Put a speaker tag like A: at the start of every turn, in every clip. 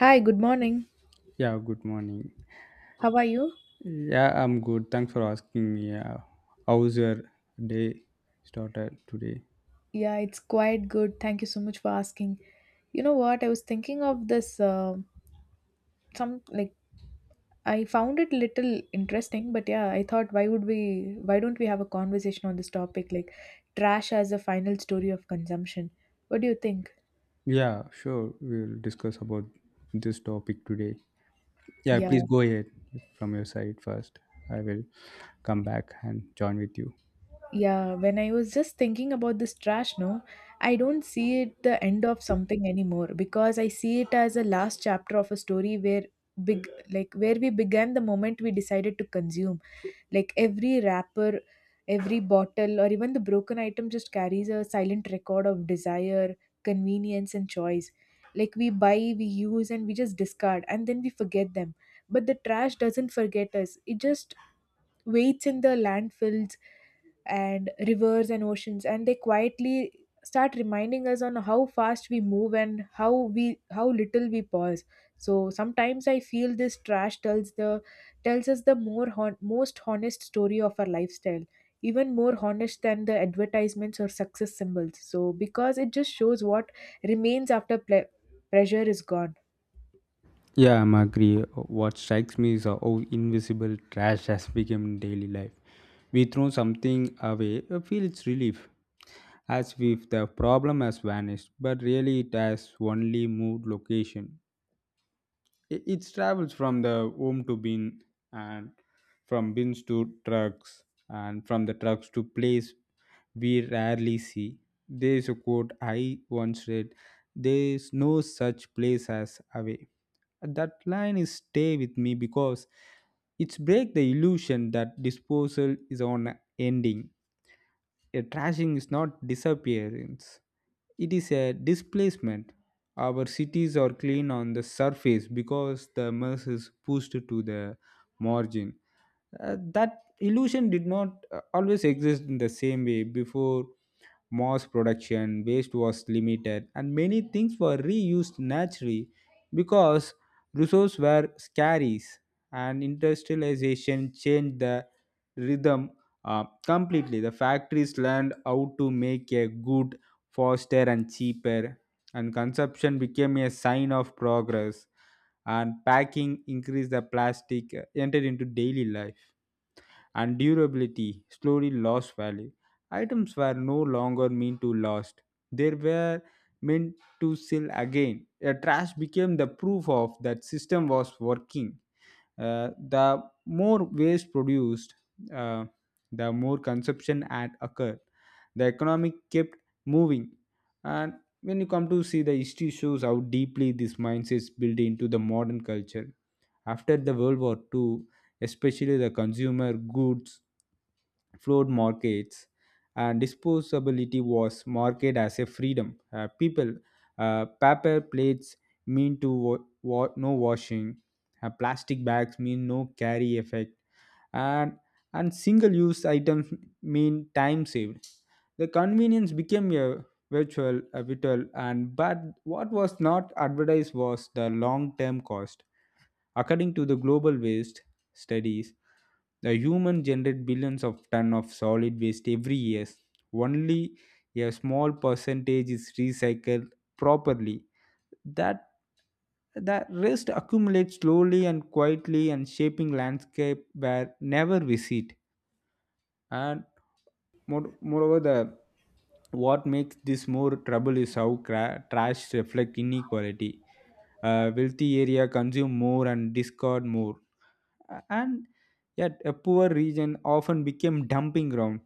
A: Hi, good morning.
B: Yeah, good morning.
A: How are you?
B: Yeah, I'm good. Thanks for asking me. Yeah. How's your day started today?
A: Yeah, it's quite good. Thank you so much for asking. You know what? I was thinking of this some like I found it little interesting, but yeah, I thought why don't we have a conversation on this topic like trash as a final story of consumption? What do you think?
B: Yeah, sure. We'll discuss about this topic today. Yeah, please
A: Yeah.
B: go ahead from your side first. I will come back and join with you.
A: Yeah, when I was just thinking about this trash, no, I don't see it the end of something anymore because I see it as a last chapter of a story where big like where we began the moment we decided to consume. Like every wrapper, every bottle, or even the broken item just carries a silent record of desire, convenience, and choice. Like we buy, we use, and we just discard, and then we forget them. But the trash doesn't forget us. It just waits in the landfills and rivers and oceans and they quietly start reminding us on how fast we move and how little we pause. So sometimes I feel this trash tells us the most honest story of our lifestyle, even more honest than the advertisements or success symbols, so because it just shows what remains after pressure is gone.
B: Yeah, I'm agree. What strikes me is how invisible trash has become in daily life. We throw something away, feel its relief, as if the problem has vanished, but really it has only moved location. It travels from the home to bin and from bins to trucks and from the trucks to place we rarely see. There is a quote I once read: there is no such place as away. That line is stay with me because it's break the illusion that disposal is on a ending. A trashing is not disappearance, it is a displacement. Our cities are clean on the surface because the mess is pushed to the margin. That illusion did not always exist in the same way before mass production. Waste was limited and many things were reused naturally because resources were scarce, and industrialization changed the rhythm completely. The factories learned how to make a good faster and cheaper, and consumption became a sign of progress, and packing increased, the plastic entered into daily life and durability slowly lost value. Items were no longer meant to last, they were meant to sell again. A trash became the proof of that system was working. The more waste produced, uh, the more consumption had occurred. The economic kept moving. And when you come to see, the history shows how deeply this mindset is built into the modern culture. After the World War II, especially the consumer goods flawed markets and disposability was marketed as a freedom. People, paper plates mean to no washing, plastic bags mean no carry effect, and single-use items mean time saved. The convenience became a vital, and but what was not advertised was the long-term cost. According to the global waste studies, the human generate billions of ton of solid waste every year. Only a small percentage is recycled properly. That the rest accumulates slowly and quietly and shaping landscape where never visit. And moreover, the what makes this more trouble is how trash reflect inequality. Wealthy area consume more and discard more and yet a poor region often became dumping ground,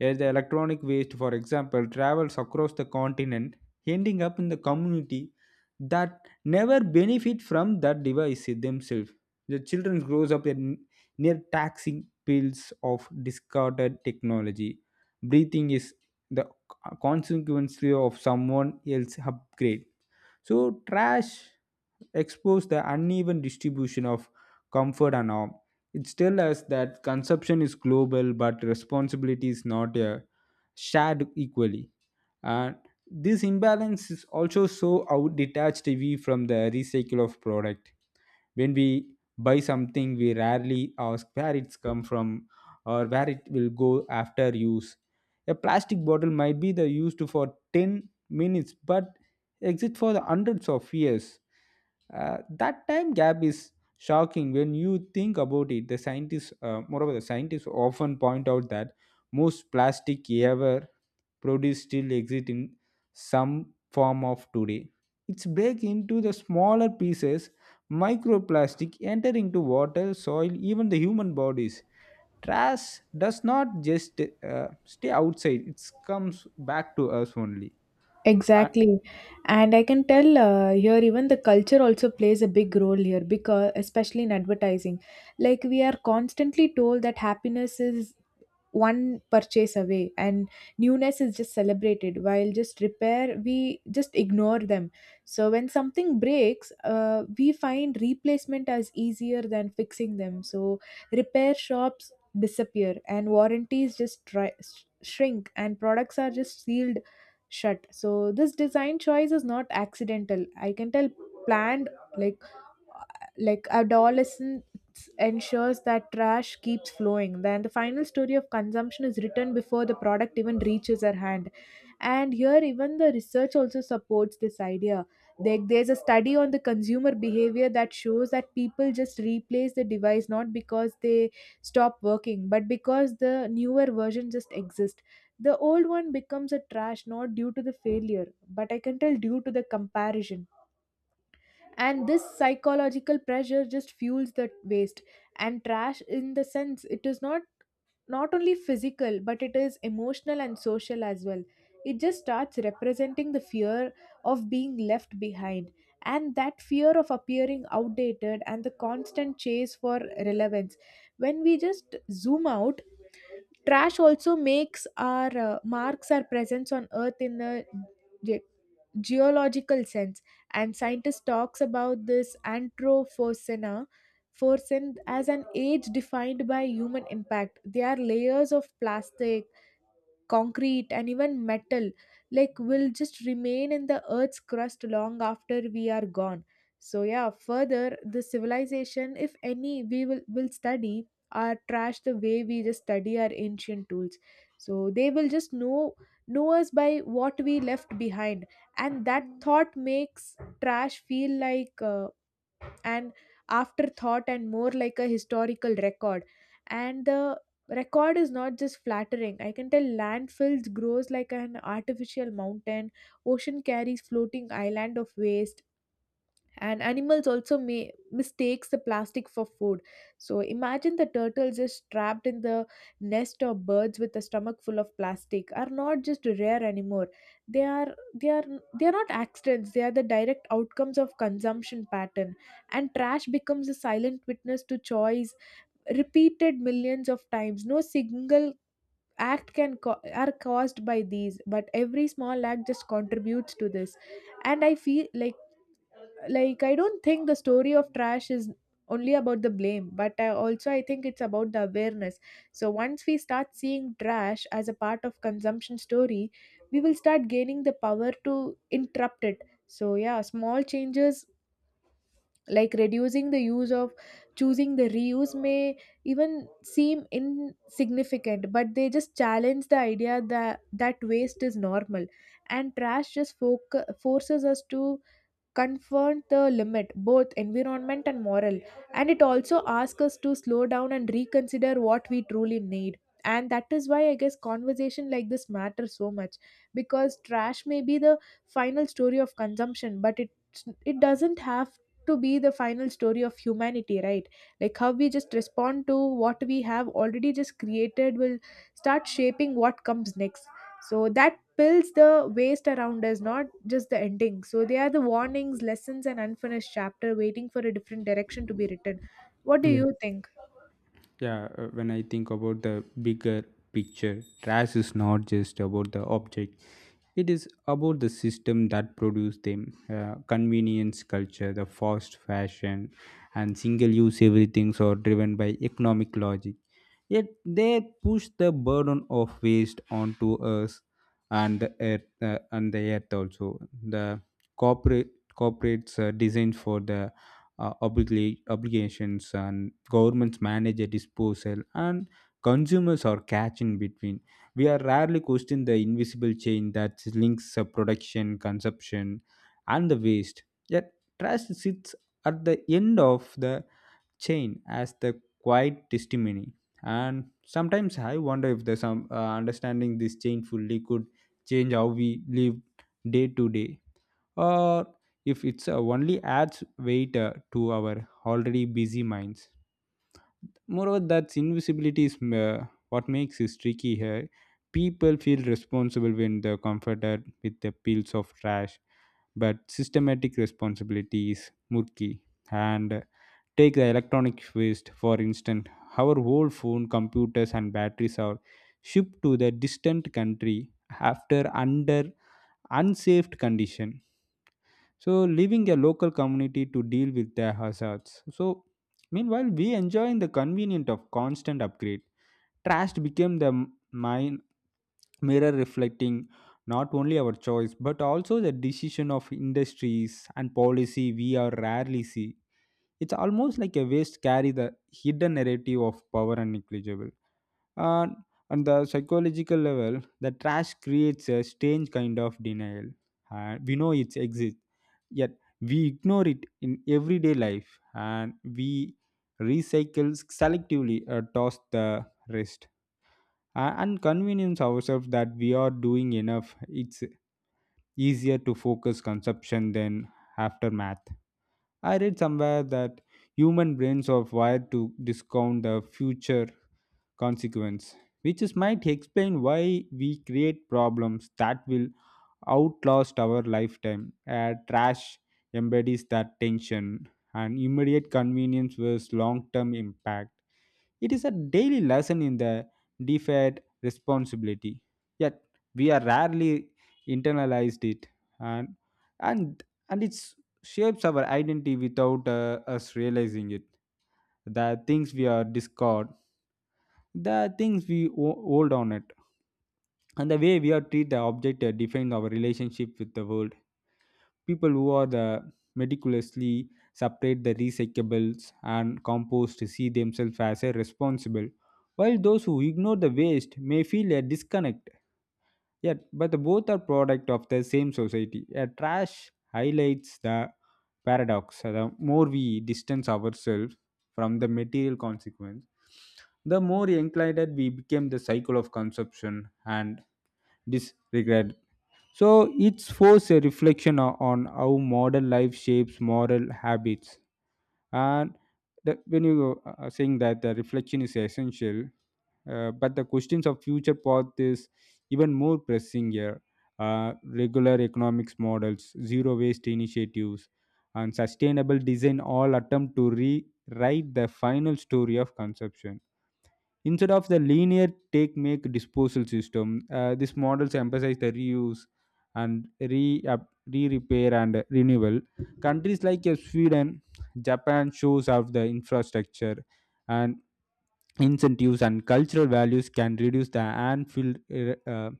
B: as the electronic waste for example travels across the continent ending up in the community that never benefit from that device themselves. The children grows up in, near taxing pills of discarded technology, breathing is the consequence of someone else upgrade. So trash expose the uneven distribution of comfort and harm. It tells us that consumption is global, but responsibility is not shared equally, and this imbalance is also so how detached we from the recycle of product. When we buy something we rarely ask where it's come from or where it will go after use. A plastic bottle might be the used for 10 minutes but exit for the hundreds of years. That time gap is shocking when you think about it. The scientists moreover, the scientists often point out that most plastic ever produce still exist in some form of today. It's break into the smaller pieces, microplastic enter into water, soil, even the human bodies. Trash does not just stay outside; it comes back to us only. Uh,
A: Exactly. And I can tell here even the culture also plays a big role here, because especially in advertising. Like we are constantly told that happiness is one purchase away and newness is just celebrated while just repair we just ignore them. So when something breaks, we find replacement as easier than fixing them. So repair shops disappear and warranties just try, shrink, and products are just sealed shut. So this design choice is not accidental, I can tell planned, like like adolescence, ensures that trash keeps flowing. Then the final story of consumption is written before the product even reaches our hand. And here even the research also supports this idea. There's a study on the consumer behavior that shows that people just replace the device not because they stop working but because the newer version just exists. The old one becomes a trash not due to the failure but, I can tell, due to the comparison. And this psychological pressure just fuels the waste. And trash in the sense it is not only physical but it is emotional and social as well. It just starts representing the fear of being left behind, and that fear of appearing outdated and the constant chase for relevance. When we just zoom out, trash also makes our marks our presence on earth in a geological sense. And scientists talks about this anthropocene, forcing as an age defined by human impact. There are layers of plastic, concrete, and even metal like will just remain in the earth's crust long after we are gone. So yeah, further the civilization, if any, will study our trash the way we just study our ancient tools. So they will just know us by what we left behind. And that thought makes trash feel like an afterthought and more like a historical record. And the record is not just flattering, I can tell. Landfills grows like an artificial mountain, ocean carries floating island of waste, and animals also may mistakes the plastic for food. So imagine the turtles just trapped in the nest of birds with a stomach full of plastic are not just rare anymore. they are they are they are not accidents, they are the direct outcomes of consumption pattern. And trash becomes a silent witness to choice repeated millions of times. No single are caused by these, but every small act just contributes to this. And I feel like I don't think the story of trash is only about the blame, but I also I think it's about the awareness. So once we start seeing trash as a part of consumption story, we will start gaining the power to interrupt it. So yeah, small changes like reducing the use of, choosing the reuse, may even seem insignificant but they just challenge the idea that waste is normal. And trash just forces us to confront the limit, both environment and moral. And it also asks us to slow down and reconsider what we truly need. And that is why I guess conversation like this matters so much, because trash may be the final story of consumption, but it doesn't have to be the final story of humanity, right? Like how we just respond to what we have already just created will start shaping what comes next. So that pills the waste around us, not just the ending. So they are the warnings, lessons, and unfinished chapter waiting for a different direction to be written. What do
B: Yeah.
A: you think?
B: Yeah, when I think about the bigger picture, trash is not just about the object, it is about the system that produce them. Convenience culture, the fast fashion and single use everything are driven by economic logic, yet they push the burden of waste onto us and the earth. And the earth also the corporate corporates are designed for the obligations, and governments manage a disposal, and consumers are catch in between. We are rarely question the invisible chain that links production, consumption, and the waste. Yet trash sits at the end of the chain as the quiet testimony. And sometimes I wonder if the some understanding this chain fully could change how we live day to day, or if it's only adds weight to our already busy minds. Moreover, that invisibility is what makes it tricky here. People feel responsible when they're comforted with the pills of trash, but systematic responsibility is murky. And take the electronic waste, for instance. Our old phone, computers, and batteries are shipped to the distant country after under unsafe condition, so leaving a local community to deal with their hazards. So meanwhile, we enjoy the convenience of constant upgrade. Trash became the m- mine mirror reflecting not only our choice but also the decision of industries and policy we are rarely see. It's almost like a waste carry the hidden narrative of power and negligible. And on the psychological level the trash creates a strange kind of denial, and we know it exists, yet we ignore it in everyday life, and we recycle selectively or toss the rest. And convince ourselves that we are doing enough. It's easier to focus consumption than aftermath. I read somewhere that human brains are wired to discount the future consequence, which is might explain why we create problems that will outlast our lifetime. Trash embodies that tension, and immediate convenience versus long term impact. It is a daily lesson in the deferred responsibility. Yet we are rarely internalized it, and and it shapes our identity without us realizing it. The things we are discard, the things we hold on it, and the way we are treat the object defines our relationship with the world. People who are the meticulously separate the recyclables and compost see themselves as a responsible, while those who ignore the waste may feel a disconnect. Yet but the both are product of the same society. A trash highlights the paradox: the more we distance ourselves from the material consequence, the more inclined we became the cycle of consumption and disregard. So it's forced a reflection on how modern life shapes moral habits. And the, when you are saying that the reflection is essential, but the questions of future path is even more pressing here. Regular economics models, zero waste initiatives, and sustainable design all attempt to rewrite the final story of consumption. Instead of the linear take make disposal system, these models emphasize the reuse and re repair and renewal. Countries like Sweden, Japan shows off the infrastructure and incentives and cultural values can reduce the Anfield uh, uh,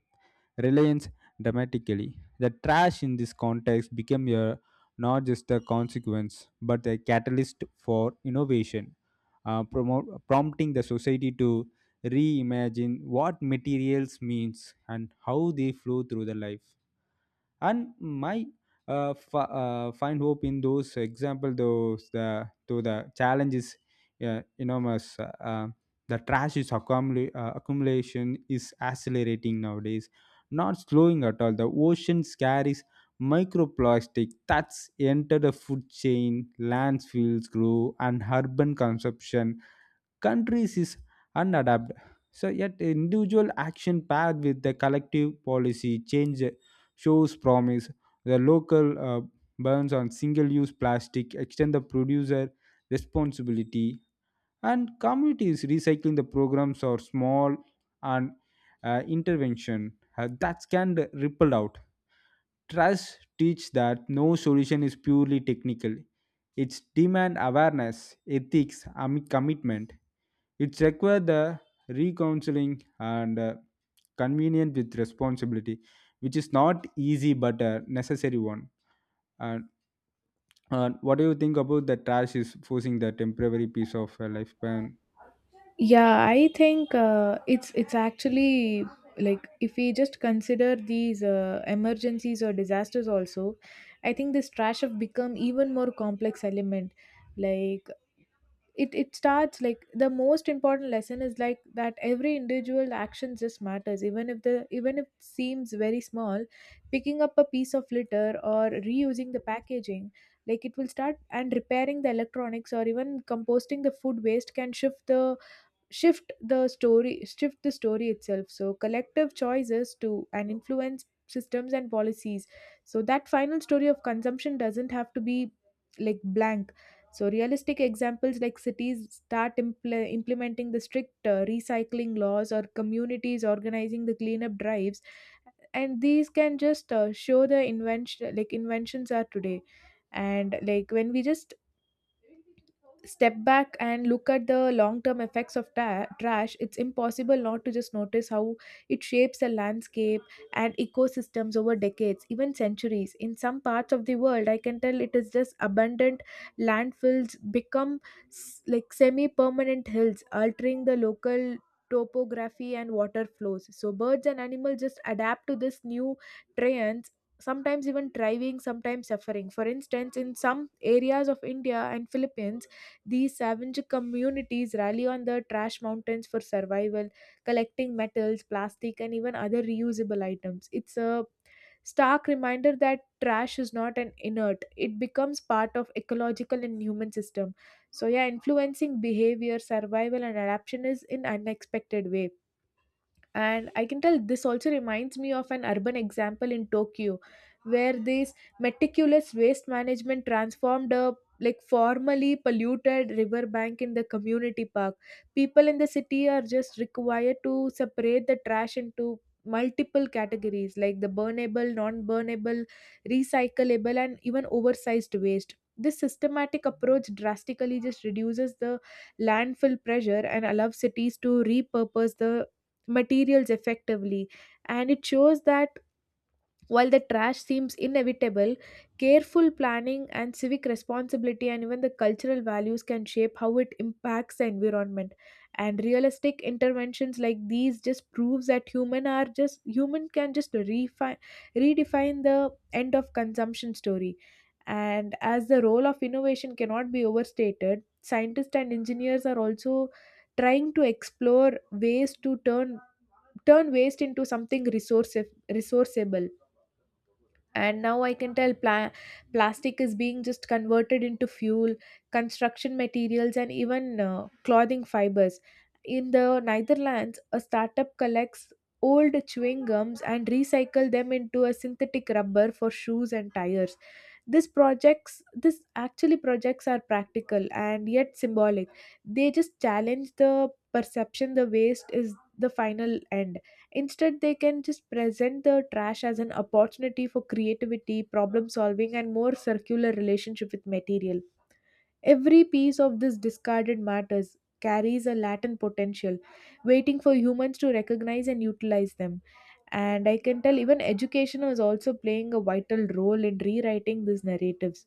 B: reliance dramatically. The trash in this context became a, not just a consequence, but a catalyst for innovation, prompting the society to reimagine what materials means and how they flow through the life. And my find hope in those example, those the to the challenges enormous. The trash is accumulation is accelerating nowadays, not slowing at all. The ocean carries microplastic that's enter the food chain, landsfields grow, and urban consumption countries is unadapted. So yet individual action paired with the collective policy change shows promise. The local burns on single-use plastic extend the producer responsibility, and communities recycling the programs or small and intervention that can ripple out. Trust teach that no solution is purely technical. It's demand awareness, ethics, and commitment. It's require the recounseling and convenient with responsibility, which is not easy but a necessary one. And what do you think about the trash is forcing the temporary piece of lifespan?
A: Yeah, I think it's actually like if we just consider these emergencies or disasters also, I think this trash have become even more complex element. Like it starts like the most important lesson is like that every individual action just matters, even if it seems very small. Picking up a piece of litter or reusing the packaging, like it will start, and repairing the electronics or even composting the food waste can shift the story itself. So collective choices to and influence systems and policies, so that final story of consumption doesn't have to be like blank. So realistic examples like cities start implementing the strict recycling laws or communities organizing the cleanup drives, and these can just show the invention like inventions are today. And like when we just step back and look at the long term effects of trash, it's impossible not to just notice how it shapes a landscape and ecosystems over decades, even centuries. In some parts of the world, I can tell, it is just abundant. Landfills become semi permanent hills altering the local topography and water flows. So birds and animals just adapt to this new terrain, sometimes even thriving, sometimes suffering. For instance, in some areas of India and Philippines, these savage communities rally on the trash mountains for survival, collecting metals, plastic, and even other reusable items. It's a stark reminder that trash is not an inert, it becomes part of ecological and human system. So yeah, influencing behavior, survival, and adaptation is in unexpected way. And I can tell this also reminds me of an urban example in Tokyo, where this meticulous waste management transformed a like formerly polluted riverbank in the community park. People in the city are just required to separate the trash into multiple categories like the burnable, non-burnable, recyclable, and even oversized waste. This systematic approach drastically just reduces the landfill pressure and allows cities to repurpose the materials effectively. And it shows that while the trash seems inevitable, careful planning and civic responsibility and even the cultural values can shape how it impacts the environment. And realistic interventions like these just proves that human are just human can just refine redefine the end of consumption story. And as the role of innovation cannot be overstated, scientists and engineers are also trying to explore ways to turn waste into something resourceable. And now I can tell plastic is being just converted into fuel, construction materials, and even clothing fibers. In the Netherlands, a startup collects old chewing gums and recycle them into a synthetic rubber for shoes and tires. This projects this actually projects are practical and yet symbolic. They just challenge the perception the waste is the final end. Instead, they can just present the trash as an opportunity for creativity, problem solving, and more circular relationship with material. Every piece of this discarded matters carries a latent potential, waiting for humans to recognize and utilize them. And I can tell even education is also playing a vital role in rewriting these narratives,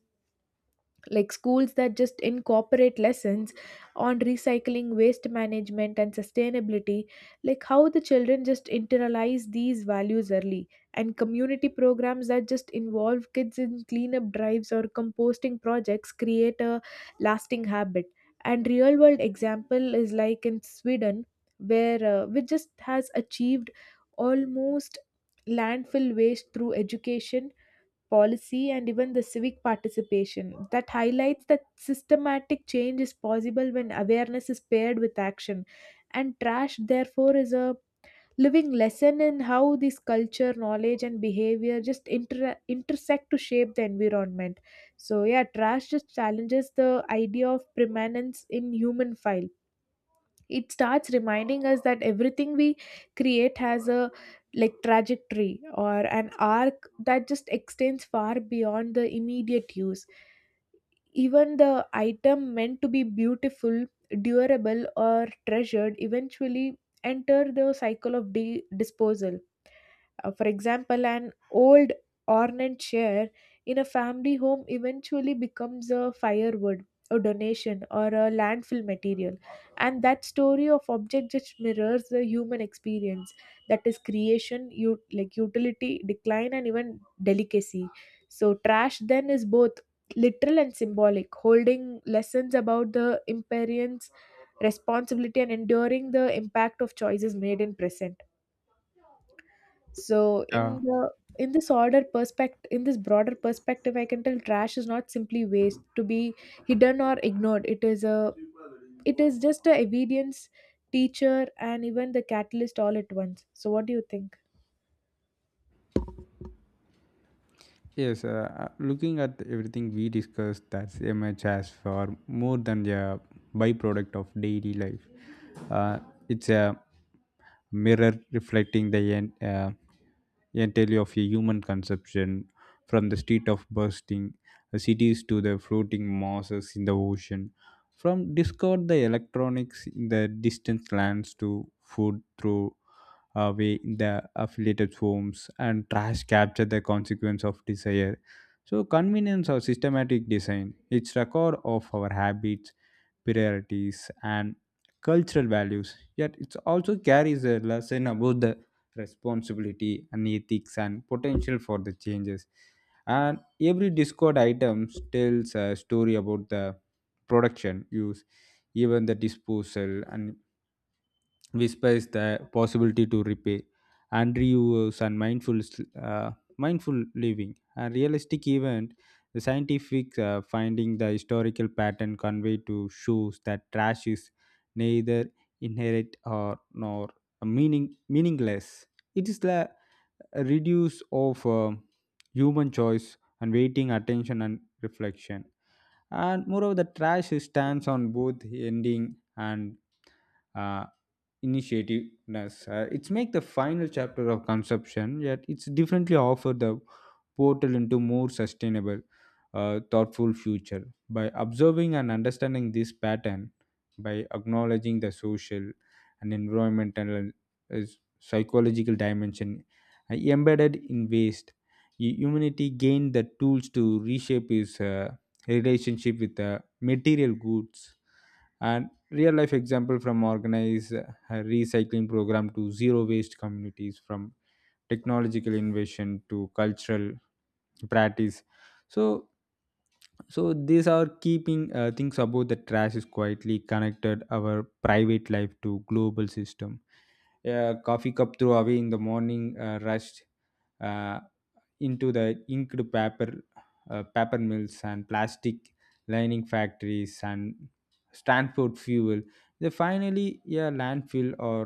A: like schools that just incorporate lessons on recycling, waste management, and sustainability, like how the children just internalize these values early. And community programs that just involve kids in cleanup drives or composting projects create a lasting habit. And real world example is like in Sweden, where which just has achieved almost landfill waste through education, policy, and even the civic participation, that highlights that systematic change is possible when awareness is paired with action. And trash, therefore, is a living lesson in how this culture, knowledge, and behavior just intersect to shape the environment. So, yeah, trash just challenges the idea of permanence in human file. It starts reminding us that everything we create has a trajectory or an arc that just extends far beyond the immediate use. Even the item meant to be beautiful, durable or treasured eventually enter the cycle of disposal. For example, an old ornate chair in a family home eventually becomes a firewood, a donation, or a landfill material. And that story of object just mirrors the human experience, that is creation, utility, decline, and even delicacy. So, trash then is both literal and symbolic, holding lessons about the impermanence, responsibility, and enduring the impact of choices made in present. So
B: Yeah.
A: in the in this order perspective, in this broader perspective, I can tell trash is not simply waste to be hidden or ignored. It is just a evidence, teacher and even the catalyst all at once. So what do you think?
B: Yes, looking at everything we discussed, that's image has for more than a byproduct of daily life. Uh, it's a mirror reflecting the entirely of a human conception, from the street of bursting cities to the floating masses in the ocean. From discovered the electronics in the distant lands to food through away in the affiliated forms, and trash capture the consequence of desire. So convenience or systematic design, its record of our habits, priorities and cultural values. Yet it also carries a lesson about the responsibility and ethics and potential for the changes. And every Discord items tells a story about the production, use, even the disposal, and whispers the possibility to repair and reuse and mindful uh, living, a realistic event. The scientific finding the historical pattern conveyed to shows that trash is neither inherent or nor meaningless. It is the reduce of human choice and waiting attention and reflection. And moreover the trash stands on both ending and uh, initiativeness. It's make the final chapter of consumption, yet it's differently offered the portal into more sustainable, thoughtful future. By observing and understanding this pattern, by acknowledging the social and environmental uh, psychological dimension embedded in waste, humanity gained the tools to reshape its relationship with the material goods, and real life example from organized recycling program to zero waste communities, from technological innovation to cultural practice. So these are keeping things about the trash is quietly connected our private life to global system. A coffee cup throw away in the morning rushed uh, into the inked paper paper mills and plastic lining factories and transport fuel, they finally a landfill or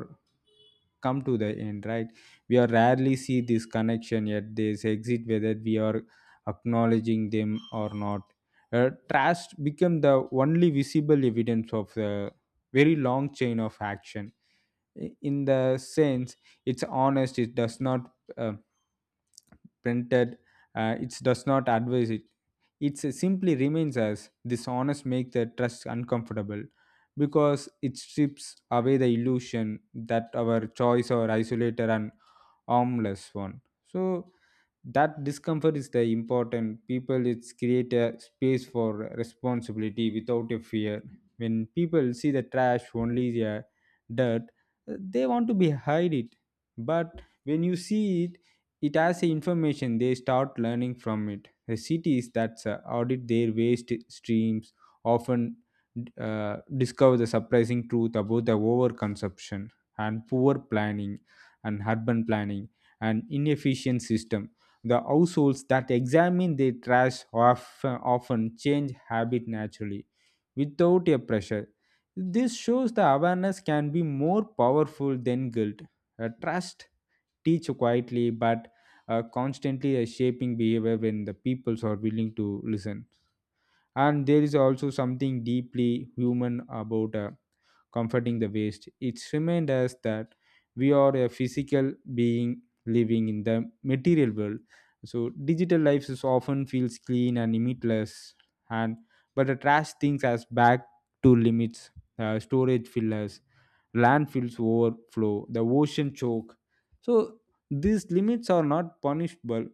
B: come to the end, right? We are rarely see this connection, yet they exit whether we are acknowledging them or not. Trust become the only visible evidence of the very long chain of action. In the sense it's honest. It does not printed, it does not advise it, it simply remains. As dishonest make the trust uncomfortable because it strips away the illusion that our choice or isolator and harmless one. So that discomfort is the important people. It's create a space for responsibility without a fear. When people see the trash only the dirt, they want to be hide it. But when you see it, it has a information, they start learning from it. The cities that audit their waste streams often uh, discover the surprising truth about the overconsumption and poor planning and urban planning and inefficient system. The households that examine their trash often change habit naturally without a pressure. This shows the awareness can be more powerful than guilt. Trust teach quietly but constantly shaping behavior when the peoples are willing to listen. And there is also something deeply human about comforting the waste. It reminds us that we are a physical being living in the material world. So digital life is often feels clean and limitless, and but the trash things as back to limits, storage fillers, landfills overflow, the ocean choke. So these limits are not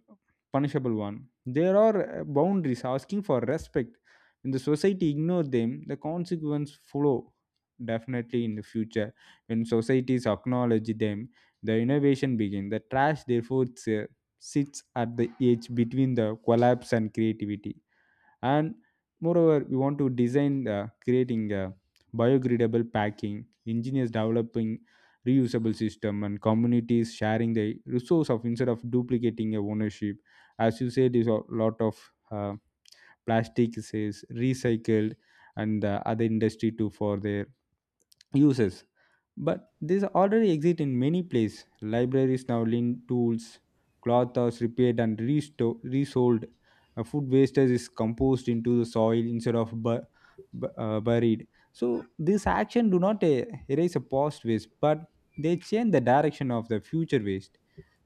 B: punishable one. There are boundaries asking for respect. When the society ignore them, the consequence follow definitely in the future. When societies acknowledge them, the innovation begins. The trash therefore sits at the edge between the collapse and creativity. And moreover we want to design creating biodegradable packing, engineers developing reusable system, and communities sharing the resource of instead of duplicating a ownership. As you said is a lot of plastic is recycled and other industry too for their uses. But these already exist in many places. Libraries now lend tools, cloth was repaired and resold. Food wastage is composed into the soil instead of buried. So this action do not erase a past waste, but they change the direction of the future waste.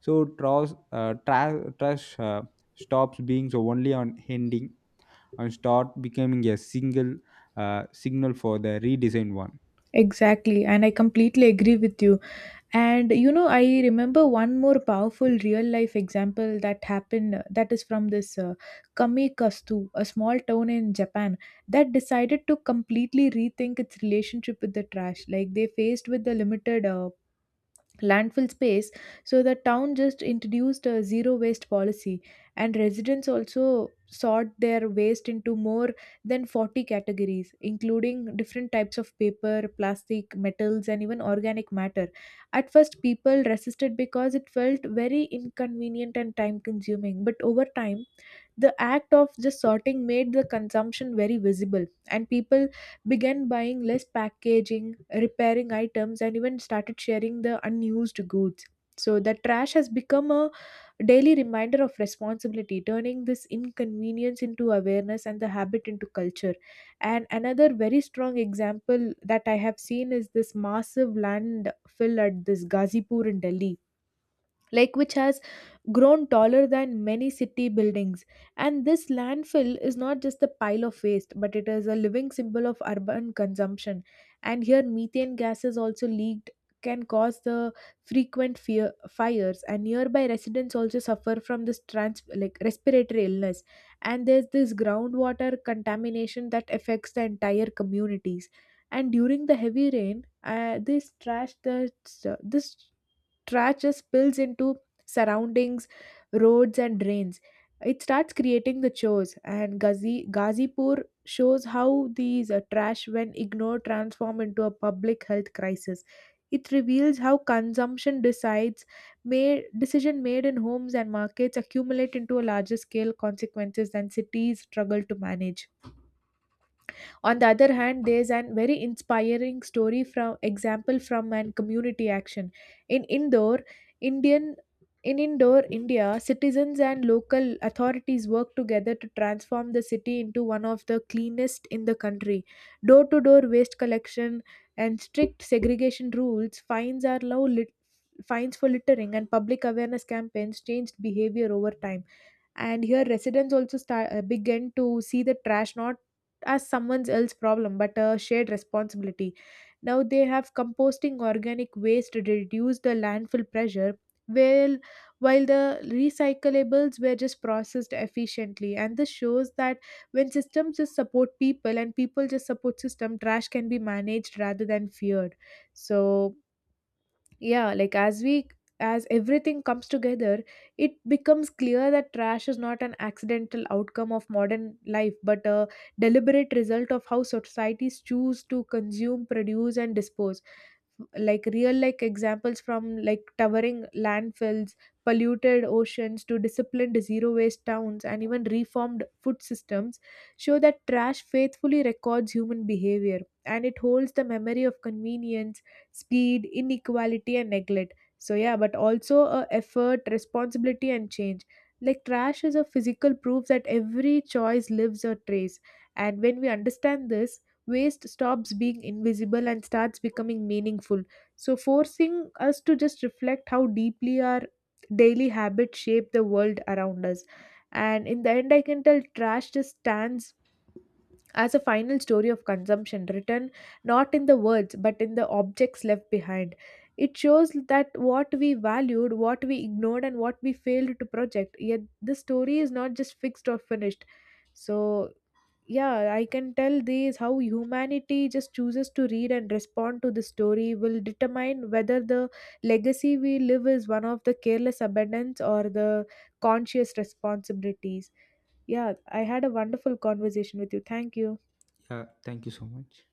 B: So trash stops being so only on ending and start becoming a single signal for the redesigned one.
A: Exactly, and I completely agree with you. And you know, I remember one more powerful real life example that happened, that is from this Kamikastu, a small town in Japan that decided to completely rethink its relationship with the trash. Like they faced with the limited landfill space, so the town just introduced a zero waste policy and residents also sort their waste into more than 40 categories, including different types of paper, plastic, metals and even organic matter. At first people resisted because it felt very inconvenient and time consuming, but over time the act of just sorting made the consumption very visible, and people began buying less packaging, repairing items, and even started sharing the unused goods. So, the trash has become a daily reminder of responsibility, turning this inconvenience into awareness and the habit into culture. And another very strong example that I have seen is this massive landfill at this Ghazipur in Delhi, like which has grown taller than many city buildings, and this landfill is not just a pile of waste but it is a living symbol of urban consumption. And here methane gases also leaked, can cause the frequent fear, fires, and nearby residents also suffer from this trans like respiratory illness, and there's this groundwater contamination that affects the entire communities. And during the heavy rain, this trash, the this trash just spills into surroundings, roads, and drains. It starts creating the chores, and Ghazipur shows how these trash, when ignored, transform into a public health crisis. It reveals how consumption decides, made decision made in homes and markets accumulate into a larger scale consequences than cities struggle to manage. On the other hand, there's an very inspiring story from example from an community action. In Indore, Indian in Indore, India, citizens and local authorities worked together to transform the city into one of the cleanest in the country. Door to door waste collection and strict segregation rules, fines are fines for littering, and public awareness campaigns changed behavior over time. And here residents also start begin to see the trash not as someone else's problem but a shared responsibility. Now they have composting organic waste to reduce the landfill pressure, while while the recyclables were just processed efficiently. And this shows that when systems just support people and people just support system, trash can be managed rather than feared. So yeah, as everything comes together, it becomes clear that trash is not an accidental outcome of modern life but a deliberate result of how societies choose to consume, produce and dispose. Like real like examples from like towering landfills, polluted oceans to disciplined zero waste towns and even reformed food systems show that trash faithfully records human behavior, and it holds the memory of convenience, speed, inequality and neglect. So yeah, but also a effort, responsibility and change. Like trash is a physical proof that every choice leaves a trace, and when we understand this, waste stops being invisible and starts becoming meaningful. So, forcing us to just reflect how deeply our daily habits shape the world around us. And in the end, I can tell trash just stands as a final story of consumption, written not in the words but in the objects left behind. It shows that what we valued, what we ignored, and what we failed to project. Yet, the story is not just fixed or finished. So, yeah, I can tell these how humanity just chooses to read and respond to the story will determine whether the legacy we live is one of the careless abundance or the conscious responsibilities. Yeah, I had a wonderful conversation with you. Thank you.
B: Yeah, thank you so much.